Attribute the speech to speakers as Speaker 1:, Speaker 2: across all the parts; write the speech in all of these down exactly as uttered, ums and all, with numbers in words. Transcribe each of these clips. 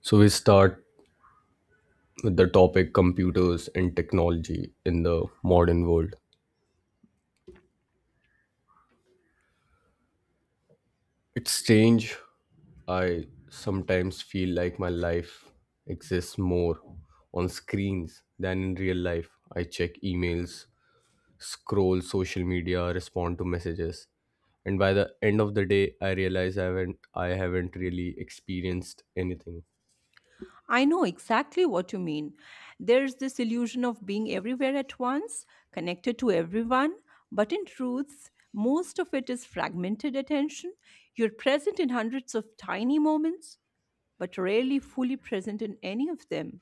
Speaker 1: So we start with the topic computers and technology in the modern world. It's strange. I sometimes feel like my life exists more on screens than in real life. I check emails, scroll social media, respond to messages, and by the end of the day, I realize I haven't I haven't really experienced anything.
Speaker 2: I know exactly what you mean. There's this illusion of being everywhere at once, connected to everyone, but in truth, most of it is fragmented attention. You're present in hundreds of tiny moments, but rarely fully present in any of them.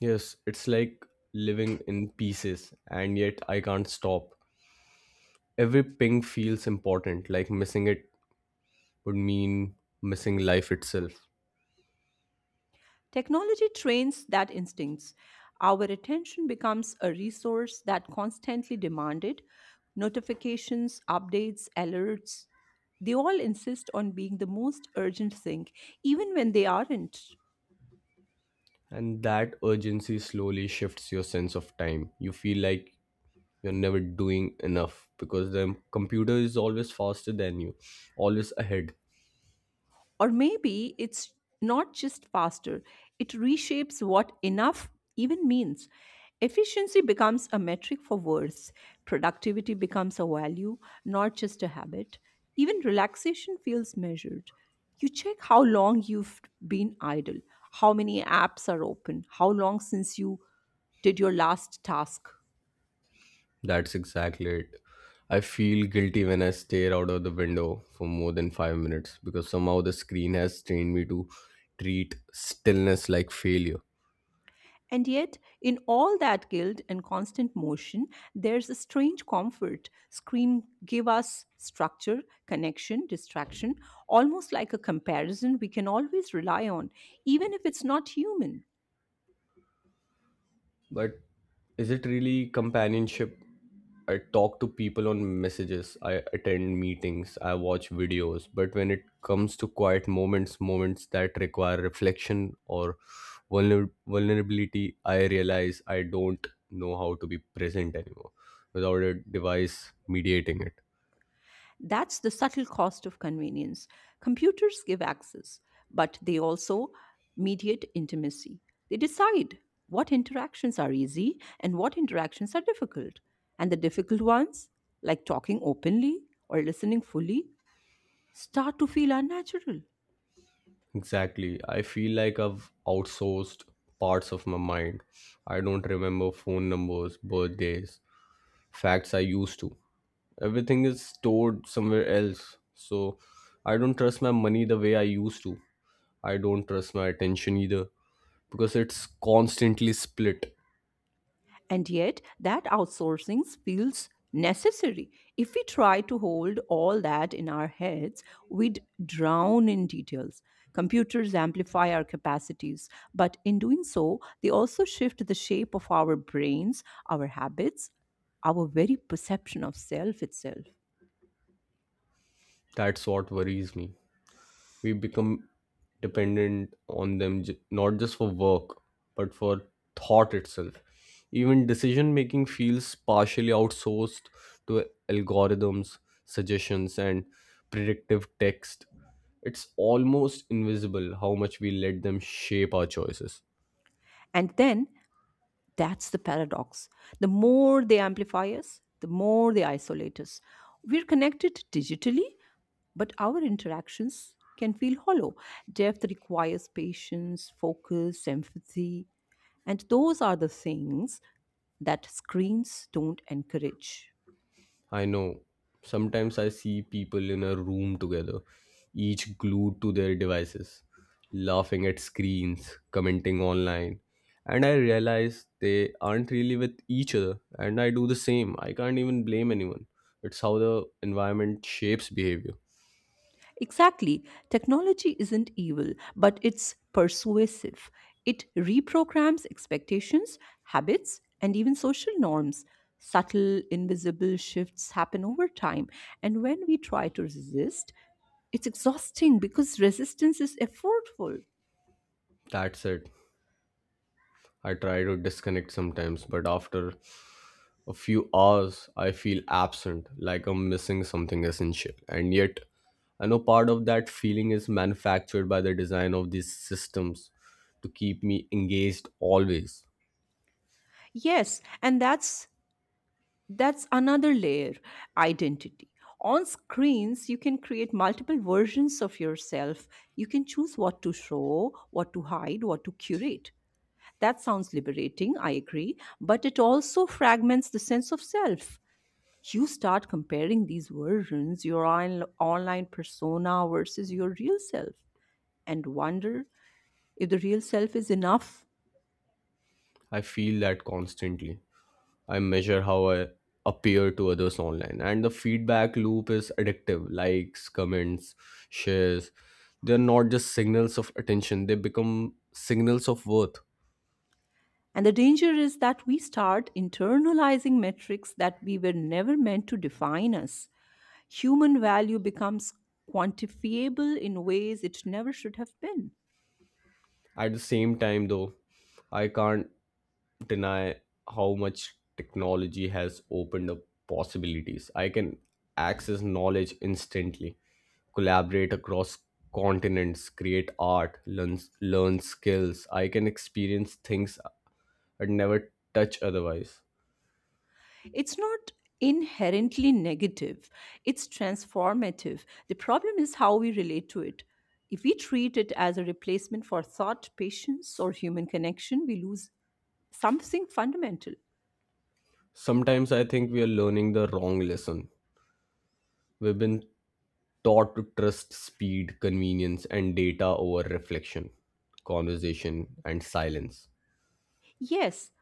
Speaker 1: Yes, it's like living in pieces, and yet I can't stop. Every ping feels important, like missing it would mean missing life itself.
Speaker 2: Technology trains that instincts. Our attention becomes a resource that constantly demanded notifications, updates, alerts. They all insist on being the most urgent thing, even when they aren't.
Speaker 1: And that urgency slowly shifts your sense of time. You feel like you're never doing enough because the computer is always faster than you, always ahead.
Speaker 2: Or maybe it's not just faster, it reshapes what enough even means. Efficiency becomes a metric for worth, productivity becomes a value, not just a habit. Even relaxation feels measured. You check how long you've been idle, how many apps are open, how long since you did your last task.
Speaker 1: That's exactly it. I feel guilty when I stare out of the window for more than five minutes because somehow the screen has trained me to treat stillness like failure.
Speaker 2: And yet, in all that guilt and constant motion, there's a strange comfort. Screen give us structure, connection, distraction, almost like a comparison we can always rely on, even if it's not human.
Speaker 1: But is it really companionship? I talk to people on messages, I attend meetings, I watch videos, but when it comes to quiet moments, moments that require reflection or vulner- vulnerability, I realize I don't know how to be present anymore without a device mediating it.
Speaker 2: That's the subtle cost of convenience. Computers give access, but they also mediate intimacy. They decide what interactions are easy and what interactions are difficult. And the difficult ones, like talking openly or listening fully, start to feel unnatural.
Speaker 1: Exactly. I feel like I've outsourced parts of my mind. I don't remember phone numbers, birthdays, facts I used to. Everything is stored somewhere else, so I don't trust my money the way I used to. I don't trust my attention either, because it's constantly split.
Speaker 2: And yet, that outsourcing feels necessary. If we try to hold all that in our heads, we'd drown in details. Computers amplify our capacities, but in doing so, they also shift the shape of our brains, our habits, our very perception of self itself.
Speaker 1: That's what worries me. We become dependent on them, j- not just for work, but for thought itself. Even decision making feels partially outsourced to algorithms, suggestions, and predictive text. It's almost invisible how much we let them shape our choices.
Speaker 2: And then that's the paradox. The more they amplify us, the more they isolate us. We're connected digitally, but our interactions can feel hollow. Depth requires patience, focus, empathy, and those are the things that screens don't encourage.
Speaker 1: I know. Sometimes I see people in a room together, each glued to their devices, laughing at screens, commenting online. And I realize they aren't really with each other, and I do the same. I can't even blame anyone. It's how the environment shapes behavior.
Speaker 2: Exactly, technology isn't evil, but it's persuasive. It reprograms expectations, habits, and even social norms. Subtle, invisible shifts happen over time, and when we try to resist, it's exhausting because resistance is effortful.
Speaker 1: That's it. I try to disconnect sometimes, but after a few hours, I feel absent, like I'm missing something essential. And yet, I know part of that feeling is manufactured by the design of these systems to keep me engaged always.
Speaker 2: Yes, and that's that's another layer, identity. On screens, you can create multiple versions of yourself. You can choose what to show, what to hide, what to curate. That sounds liberating, I agree, but it also fragments the sense of self. You start comparing these versions, your on- online persona versus your real self, and wonder if the real self is enough.
Speaker 1: I feel that constantly. I measure how I appear to others online, and the feedback loop is addictive: likes, comments, shares. They're not just signals of attention, they become signals of worth.
Speaker 2: And the danger is that we start internalizing metrics that we were never meant to define us. Human value becomes quantifiable in ways it never should have been.
Speaker 1: At the same time, though, I can't deny how much technology has opened up possibilities. I can access knowledge instantly, collaborate across continents, create art, learn, learn skills. I can experience things I'd never touch otherwise.
Speaker 2: It's not inherently negative, it's transformative. The problem is how we relate to it. If we treat it as a replacement for thought, patience, or human connection, we lose something fundamental.
Speaker 1: Sometimes I think we are learning the wrong lesson. We've been taught to trust speed, convenience, and data over reflection, conversation, and silence.
Speaker 2: Yes,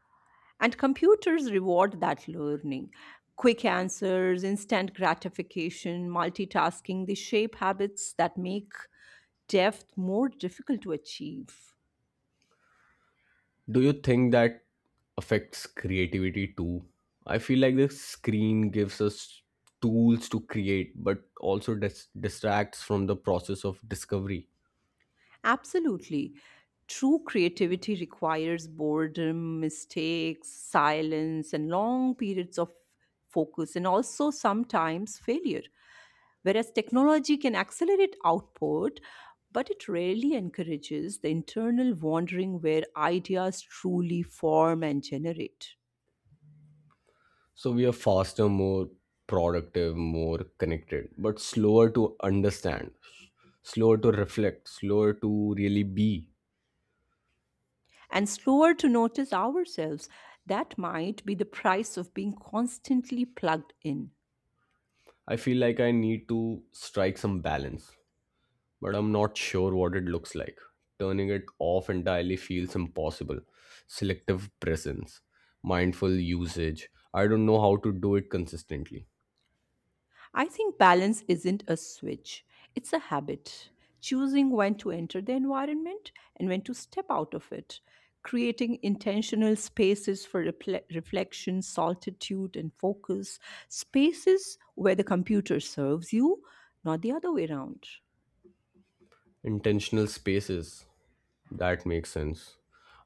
Speaker 2: and computers reward that learning. Quick answers, instant gratification, multitasking, they shape habits that make depth more difficult to achieve.
Speaker 1: Do you think that affects creativity too? I feel like the screen gives us tools to create, but also dis- distracts from the process of discovery.
Speaker 2: Absolutely. True creativity requires boredom, mistakes, silence, and long periods of focus, and also sometimes failure. Whereas technology can accelerate output, but it rarely encourages the internal wandering where ideas truly form and generate.
Speaker 1: So we are faster, more productive, more connected, but slower to understand, slower to reflect, slower to really be.
Speaker 2: And slower to notice ourselves, that might be the price of being constantly plugged in.
Speaker 1: I feel like I need to strike some balance, but I'm not sure what it looks like. Turning it off entirely feels impossible. Selective presence, mindful usage. I don't know how to do it consistently.
Speaker 2: I think balance isn't a switch, it's a habit. Choosing when to enter the environment and when to step out of it, creating intentional spaces for refle- reflection, solitude, and focus, spaces where the computer serves you, not the other way around.
Speaker 1: Intentional spaces. That makes sense.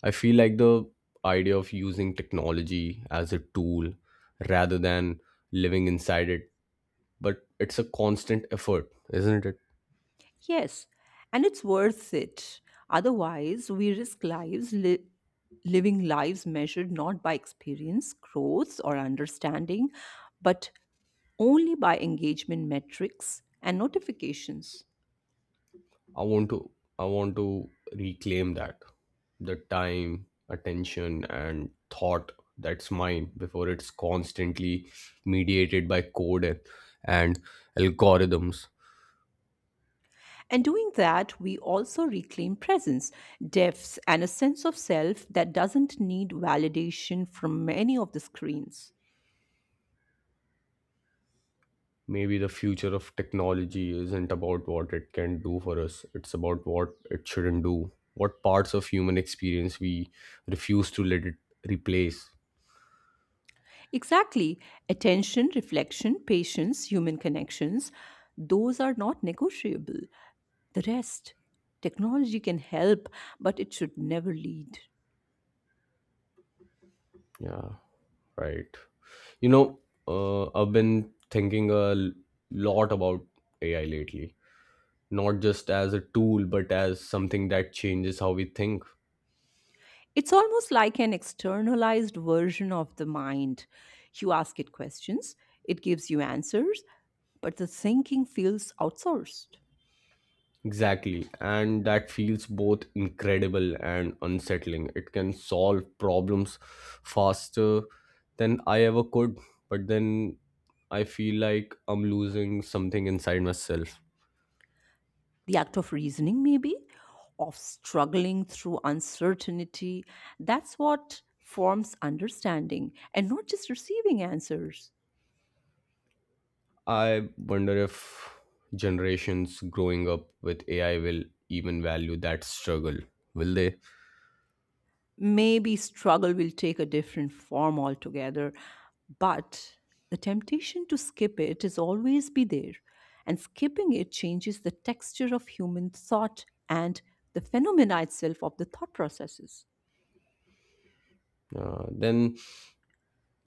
Speaker 1: I feel like the idea of using technology as a tool rather than living inside it, but it's a constant effort, isn't it?
Speaker 2: Yes, and it's worth it. Otherwise, we risk lives li- living lives measured not by experience, growth, or understanding, but only by engagement metrics and notifications.
Speaker 1: I want to I want to reclaim that, the time, attention, and thought that's mine before it's constantly mediated by code and, and algorithms.
Speaker 2: And doing that, we also reclaim presence, depth, and a sense of self that doesn't need validation from any of the screens.
Speaker 1: Maybe the future of technology isn't about what it can do for us, it's about what it shouldn't do. What parts of human experience we refuse to let it replace.
Speaker 2: Exactly. Attention, reflection, patience, human connections, those are not negotiable. The rest, technology can help, but it should never lead.
Speaker 1: Yeah. Right. You know, uh, I've been thinking a l- lot about A I lately, not just as a tool, but as something that changes how we think.
Speaker 2: It's almost like an externalized version of the mind. You ask it questions, it gives you answers, but the thinking feels outsourced.
Speaker 1: Exactly. And that feels both incredible and unsettling. It can solve problems faster than I ever could, but then I feel like I'm losing something inside myself.
Speaker 2: The act of reasoning, maybe, of struggling through uncertainty. That's what forms understanding and not just receiving answers.
Speaker 1: I wonder if generations growing up with A I will even value that struggle. Will they?
Speaker 2: Maybe struggle will take a different form altogether, but the temptation to skip it is always be there. And skipping it changes the texture of human thought and the phenomena itself of the thought processes.
Speaker 1: Uh, then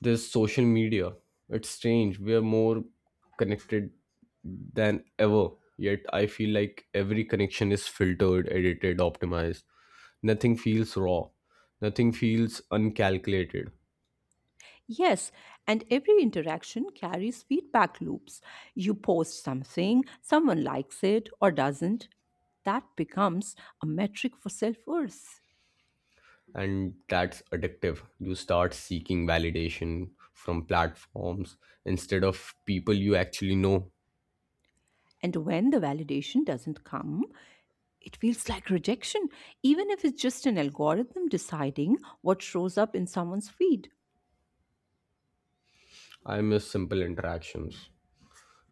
Speaker 1: there's social media. It's strange. We are more connected than ever. Yet I feel like every connection is filtered, edited, optimized. Nothing feels raw. Nothing feels uncalculated.
Speaker 2: Yes, and every interaction carries feedback loops. You post something, someone likes it or doesn't. That becomes a metric for self worth.
Speaker 1: And that's addictive. You start seeking validation from platforms instead of people you actually know.
Speaker 2: And when the validation doesn't come, it feels like rejection, even if it's just an algorithm deciding what shows up in someone's feed.
Speaker 1: I miss simple interactions,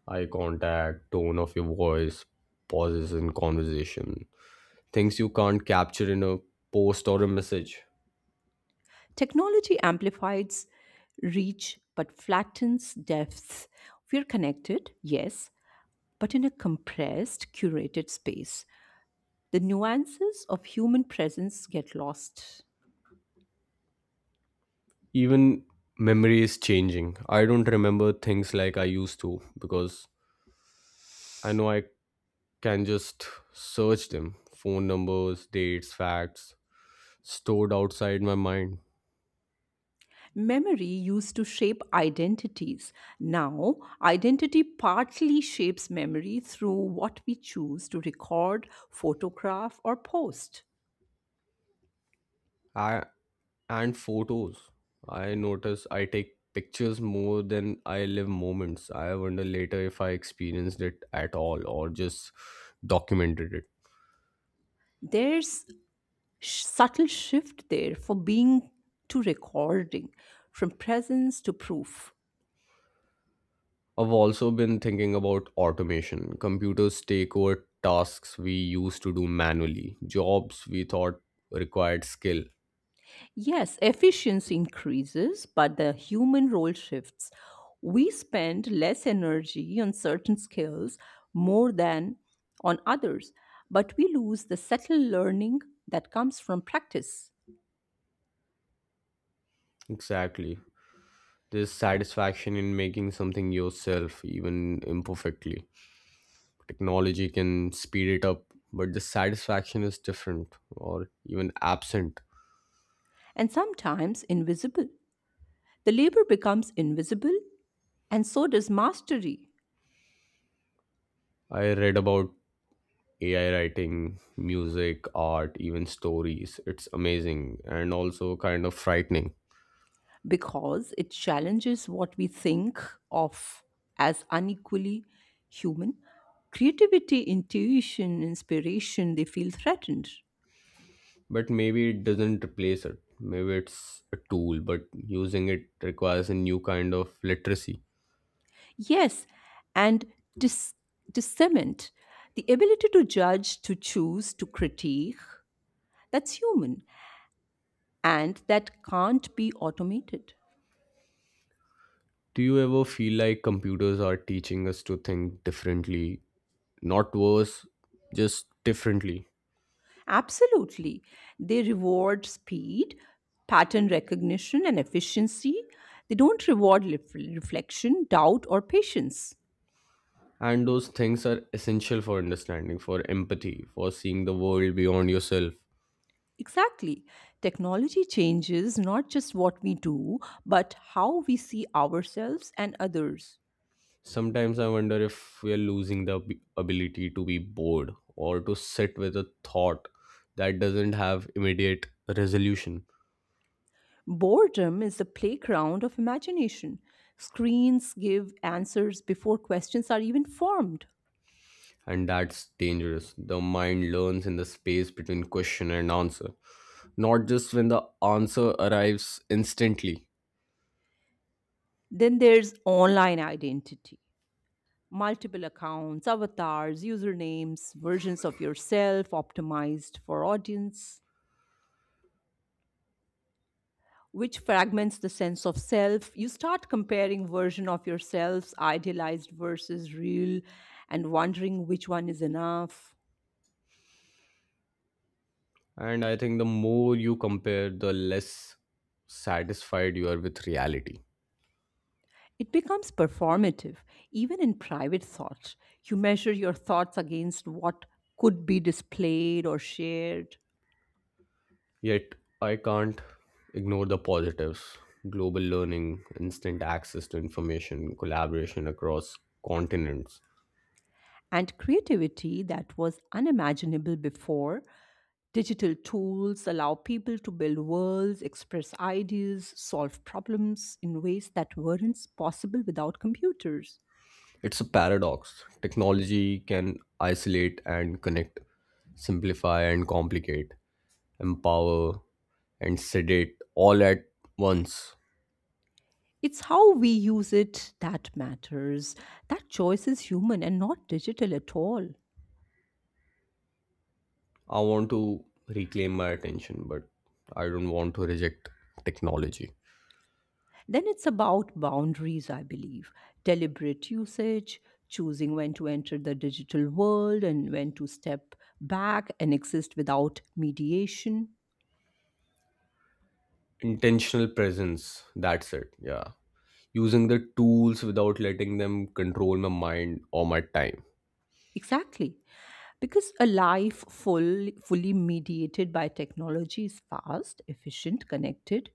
Speaker 1: eye contact, tone of your voice, pauses in conversation, things you can't capture in a post or a message.
Speaker 2: Technology amplifies reach but flattens depth. We're connected, yes, but in a compressed, curated space. The nuances of human presence get lost.
Speaker 1: Even memory is changing. I don't remember things like I used to because I know I can just search them: phone numbers, dates, facts stored outside my mind.
Speaker 2: Memory used to shape identities. Now, identity partly shapes memory through what we choose to record, photograph, or post.
Speaker 1: I, and photos. I notice I take pictures more than I live moments. I wonder later if I experienced it at all or just documented it.
Speaker 2: There's sh- subtle shift there for being to recording, from presence to proof.
Speaker 1: I've also been thinking about automation. Computers take over tasks we used to do manually, jobs we thought required skill.
Speaker 2: Yes, efficiency increases, but the human role shifts. We spend less energy on certain skills more than on others, but we lose the subtle learning that comes from practice
Speaker 1: Exactly. There's satisfaction in making something yourself, even imperfectly. Technology can speed it up, but the satisfaction is different, or even absent.
Speaker 2: and sometimes invisible. The labor becomes invisible, and so does mastery
Speaker 1: I read about AI writing music, art, even stories. It's amazing, and also kind of frightening.
Speaker 2: because it challenges what we think of as unequally human. Creativity, intuition, inspiration, they feel threatened.
Speaker 1: But maybe it doesn't replace it. Maybe it's a tool, but using it requires a new kind of literacy.
Speaker 2: Yes, and dis- discernment, the ability to judge, to choose, to critique, that's human and that can't be automated.
Speaker 1: Do you ever feel like computers are teaching us to think differently? Not worse, just differently.
Speaker 2: Absolutely. They reward speed, pattern recognition, and efficiency. They don't reward lef- reflection, doubt, or patience.
Speaker 1: And those things are essential for understanding, for empathy, for seeing the world beyond yourself.
Speaker 2: Exactly. Technology changes not just what we do, but how we see ourselves and others.
Speaker 1: Sometimes I wonder if we are losing the ab- ability to be bored or to sit with a thought that doesn't have immediate resolution.
Speaker 2: Boredom is the playground of imagination. Screens give answers before questions are even formed.
Speaker 1: And that's dangerous. The mind learns in the space between question and answer, not just when the answer arrives instantly.
Speaker 2: Then there's online identity. Multiple accounts, avatars, usernames, versions of yourself optimized for audience, which fragments the sense of self. You start comparing version of yourselves, idealized versus real, and wondering which one is enough.
Speaker 1: And I think the more you compare, the less satisfied you are with reality.
Speaker 2: It becomes performative, even in private thought. You measure your thoughts against what could be displayed or shared.
Speaker 1: Yet, I can't ignore the positives: global learning, instant access to information, collaboration across continents.
Speaker 2: And creativity that was unimaginable before. Digital tools allow people to build worlds, express ideas, solve problems in ways that weren't possible without computers.
Speaker 1: It's a paradox. Technology can isolate and connect, simplify and complicate, empower and sedate all at once.
Speaker 2: It's how we use it that matters. That choice is human and not digital at all.
Speaker 1: I want to reclaim my attention, but I don't want to reject technology.
Speaker 2: Then it's about boundaries, I believe. Deliberate usage, choosing when to enter the digital world and when to step back and exist without mediation.
Speaker 1: Intentional presence, that's it. Yeah. Using the tools without letting them control my mind or my time.
Speaker 2: Exactly. Because a life full, fully mediated by technology is fast, efficient, connected,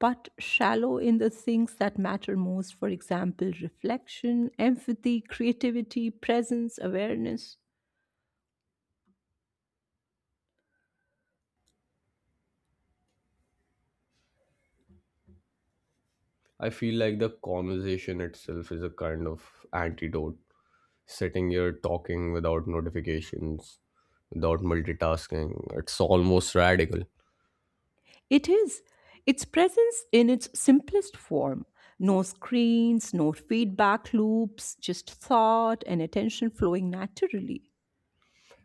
Speaker 2: but shallow in the things that matter most. For example, reflection, empathy, creativity, presence, awareness.
Speaker 1: I feel like the conversation itself is a kind of antidote. Sitting here talking without notifications, without multitasking, it's almost radical.
Speaker 2: It is. It's presence in its simplest form. No screens, no feedback loops, just thought and attention flowing naturally.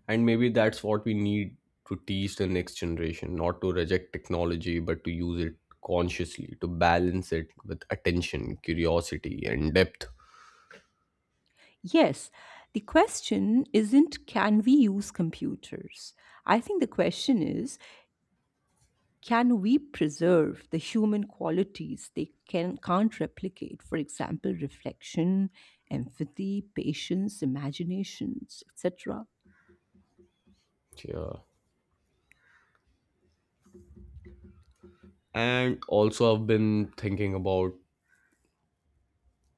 Speaker 1: And maybe that's what we need to teach the next generation: not to reject technology, but to use it consciously, to balance it with attention, curiosity, and depth.
Speaker 2: Yes, the question isn't can we use computers? I think the question is can we preserve the human qualities they can, can't replicate? For example, reflection, empathy, patience, imaginations, et cetera.
Speaker 1: Yeah. And also, I've been thinking about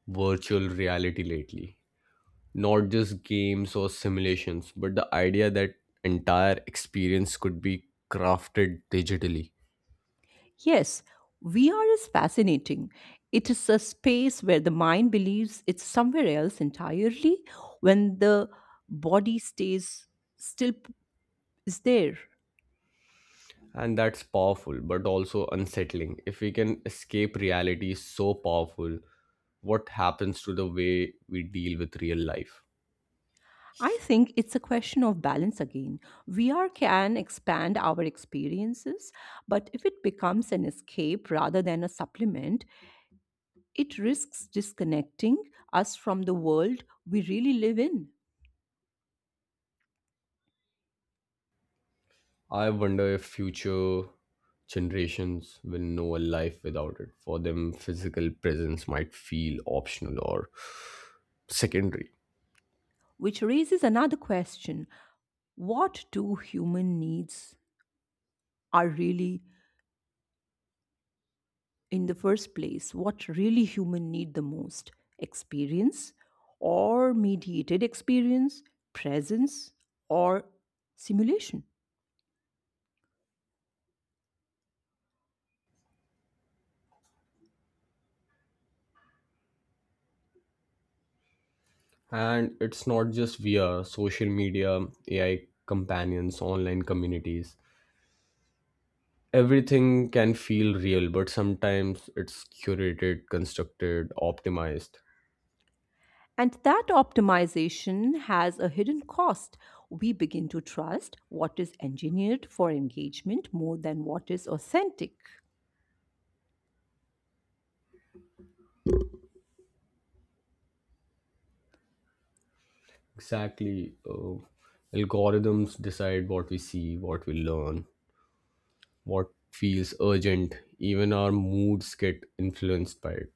Speaker 1: virtual reality lately. Not just games or simulations, but the idea that entire experience could be crafted digitally.
Speaker 2: Yes, V R is fascinating. It is a space where the mind believes it's somewhere else entirely when the body stays still p- is there.
Speaker 1: And that's powerful, but also unsettling. If we can escape reality so powerful, what happens to the way we deal with real life?
Speaker 2: I think it's a question of balance again. V R can expand our experiences, but if it becomes an escape rather than a supplement, it risks disconnecting us from the world we really live in,
Speaker 1: I wonder if future generations will know a life without it. For them, physical presence might feel optional or secondary.
Speaker 2: which raises another question: what do human needs are really, in the first place, what really human need the most, experience or mediated experience, presence or simulation.
Speaker 1: And it's not just V R, social media, A I companions, online communities. Everything can feel real, but sometimes it's curated, constructed, optimized.
Speaker 2: And that optimization has a hidden cost. We begin to trust what is engineered for engagement more than what is authentic.
Speaker 1: Exactly. Uh, algorithms decide what we see, what we learn, what feels urgent. Even our moods get influenced by it.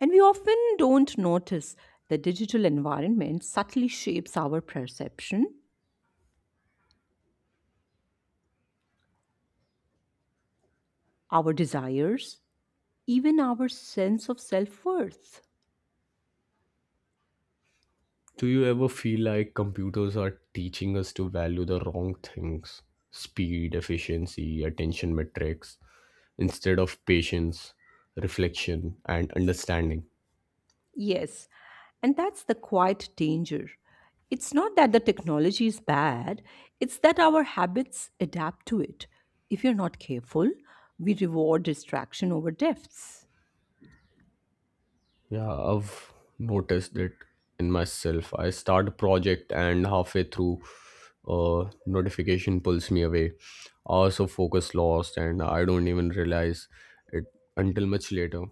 Speaker 2: And we often don't notice the digital environment subtly shapes our perception, our desires, even our sense of self worth.
Speaker 1: Do you ever feel like computers are teaching us to value the wrong things? Speed, efficiency, attention metrics, instead of patience, reflection, and understanding.
Speaker 2: Yes, and that's the quiet danger. It's not that the technology is bad, it's that our habits adapt to it. If you're not careful, we reward distraction over depths.
Speaker 1: Yeah, I've noticed it in myself. I start a project, and halfway through, a notification pulls me away. Hours of focus lost, and I don't even realize it until much later.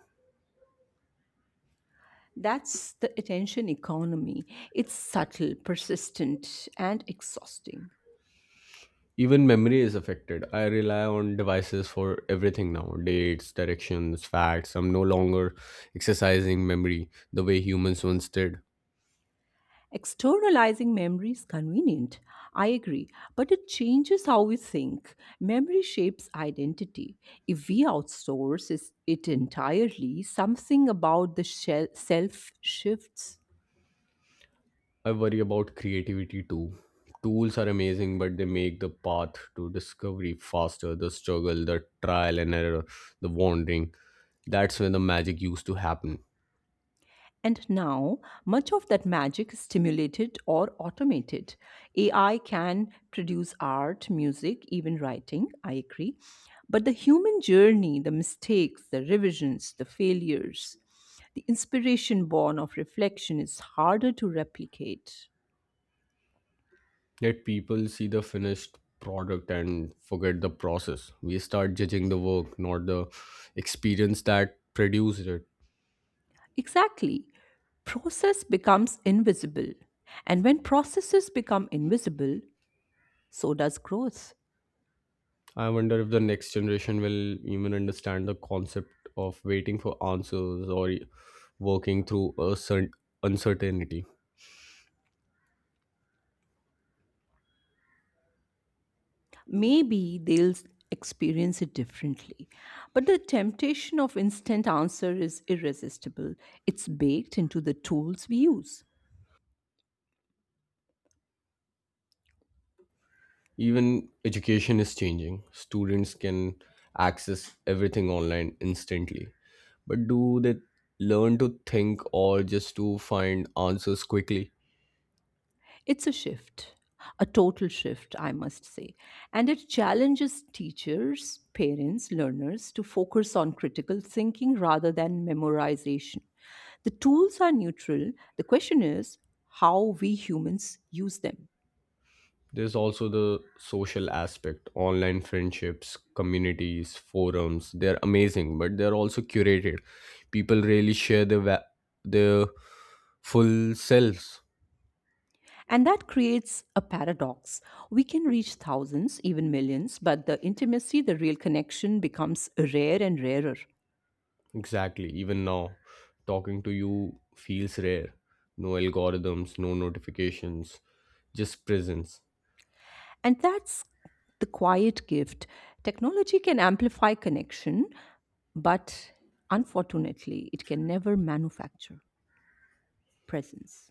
Speaker 2: That's the attention economy. It's subtle, persistent, and exhausting.
Speaker 1: Even memory is affected. I rely on devices for everything now: dates, directions, facts. I'm no longer exercising memory the way humans once did.
Speaker 2: Externalizing memory is convenient, I agree, but it changes how we think. Memory shapes identity. If we outsource is- it entirely, something about the shel- self shifts.
Speaker 1: I worry about creativity too. Tools are amazing, but they make the path to discovery faster: the struggle, the trial and error, the wandering. That's when the magic used to happen.
Speaker 2: And now, much of that magic is stimulated or automated. A I can produce art, music, even writing, I agree. But the human journey, the mistakes, the revisions, the failures, the inspiration born of reflection is harder to replicate.
Speaker 1: Yet people see the finished product and forget the process. We start judging the work, not the experience that produced it.
Speaker 2: Exactly. Process becomes invisible. And when processes become invisible, so does growth.
Speaker 1: I wonder if the next generation will even understand the concept of waiting for answers or e- working through a cer- uncertainty.
Speaker 2: Maybe they'll experience it differently. But the temptation of instant answer is irresistible. It's baked into the tools we use.
Speaker 1: Even education is changing. Students can access everything online instantly. But do they learn to think or just to find answers quickly?
Speaker 2: It's a shift, a total shift, I must say. And it challenges teachers, parents, learners to focus on critical thinking rather than memorization. The tools are neutral. The question is how we humans use them.
Speaker 1: There's also the social aspect: online friendships, communities, forums. They're amazing, but they're also curated. People really share their va- their full selves.
Speaker 2: And that creates a paradox. We can reach thousands, even millions, but the intimacy, the real connection becomes rare and rarer.
Speaker 1: Exactly. Even now, talking to you feels rare. No algorithms, no notifications, just presence.
Speaker 2: And that's the quiet gift. Technology can amplify connection, but unfortunately, it can never manufacture presence,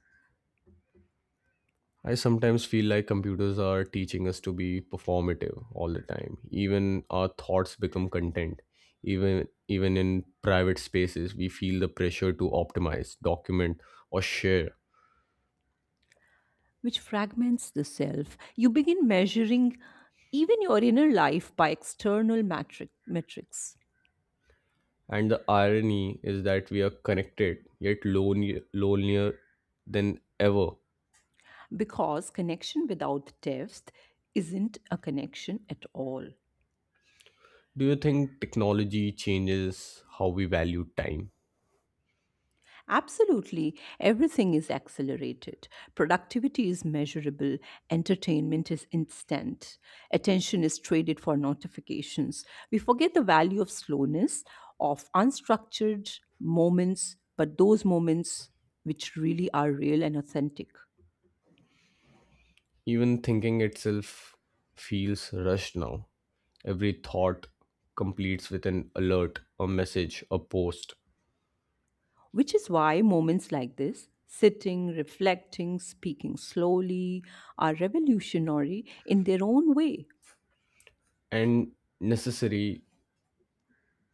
Speaker 1: I sometimes feel like computers are teaching us to be performative all the time. Even our thoughts become content. Even even in private spaces, we feel the pressure to optimize, document, or share.
Speaker 2: which fragments the self. You begin measuring even your inner life by external metric, metrics
Speaker 1: And the irony is that we are connected yet lonely, lonelier than ever.
Speaker 2: because connection without depth isn't a connection at all.
Speaker 1: Do you think technology changes how we value time?
Speaker 2: Absolutely, everything is accelerated. Productivity is measurable, entertainment is instant, attention is traded for notifications. We forget the value of slowness, of unstructured moments, but those moments which really are real and authentic.
Speaker 1: Even thinking itself feels rushed now. Every thought completes with an alert, a message, a post,
Speaker 2: Which is why moments like this, sitting, reflecting, speaking slowly, are revolutionary in their own way.
Speaker 1: and necessary.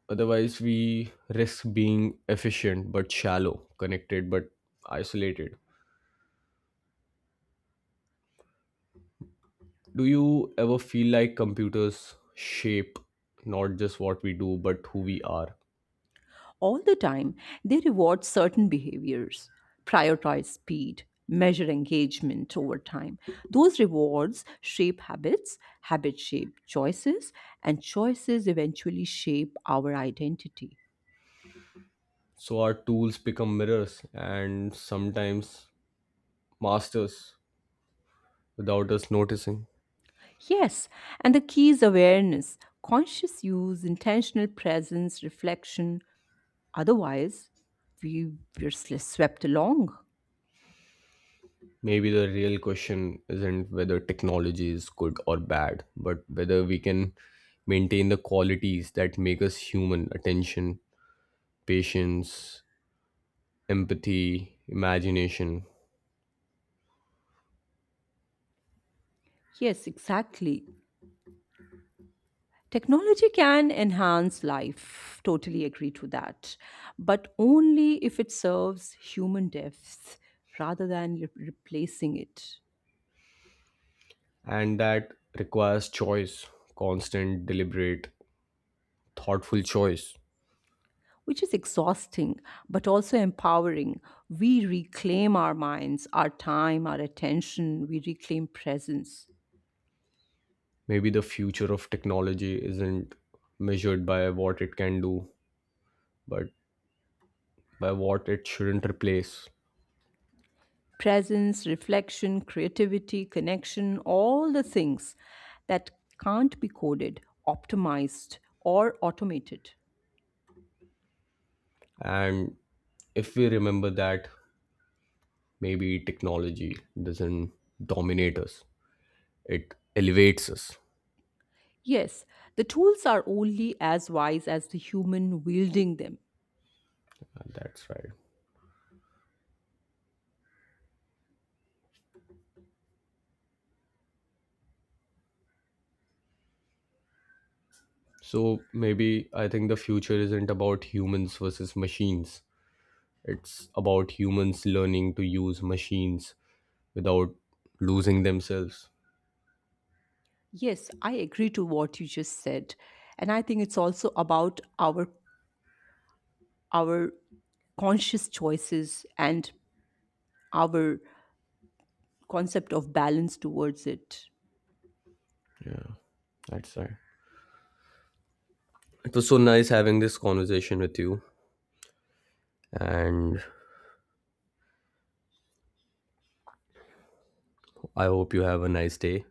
Speaker 1: Otherwise, we risk being efficient but shallow, connected but isolated. Do you ever feel like computers shape not just what we do but who we are?
Speaker 2: All the time, they reward certain behaviors, prioritize speed, measure engagement over time. Those rewards shape habits, habits shape choices, and choices eventually shape our identity.
Speaker 1: So, our tools become mirrors and sometimes masters without us noticing.
Speaker 2: Yes, and the key is awareness, conscious use, intentional presence, reflection. Otherwise, we, we're sl- swept along.
Speaker 1: Maybe the real question isn't whether technology is good or bad, but whether we can maintain the qualities that make us human: attention, patience, empathy, imagination.
Speaker 2: Yes, exactly. Technology can enhance life. Totally agree to that. But only if it serves human depth rather than re- replacing it,
Speaker 1: And that requires choice, constant, deliberate, thoughtful choice.
Speaker 2: which is exhausting but also empowering. We reclaim our minds, our time, our attention. We reclaim presence.
Speaker 1: Maybe the future of technology isn't measured by what it can do, but by what it shouldn't replace.
Speaker 2: Presence, reflection, creativity, connection, all the things that can't be coded, optimized, or automated.
Speaker 1: And if we remember that, maybe technology doesn't dominate us, it elevates us.
Speaker 2: Yes, the tools are only as wise as the human wielding them.
Speaker 1: Uh, that's right. So maybe, I think the future isn't about humans versus machines, it's about humans learning to use machines without losing themselves.
Speaker 2: Yes, I agree to what you just said. And I think it's also about our our conscious choices and our concept of balance towards it.
Speaker 1: Yeah, that's right. It was so nice having this conversation with you, and I hope you have a nice day.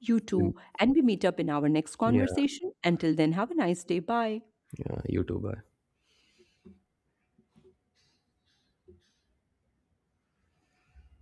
Speaker 2: You
Speaker 1: Mm.
Speaker 2: too. And we meet up in our next
Speaker 1: Yeah,
Speaker 2: conversation. Until then, have a nice day. Bye.
Speaker 1: yeah, you too, bye.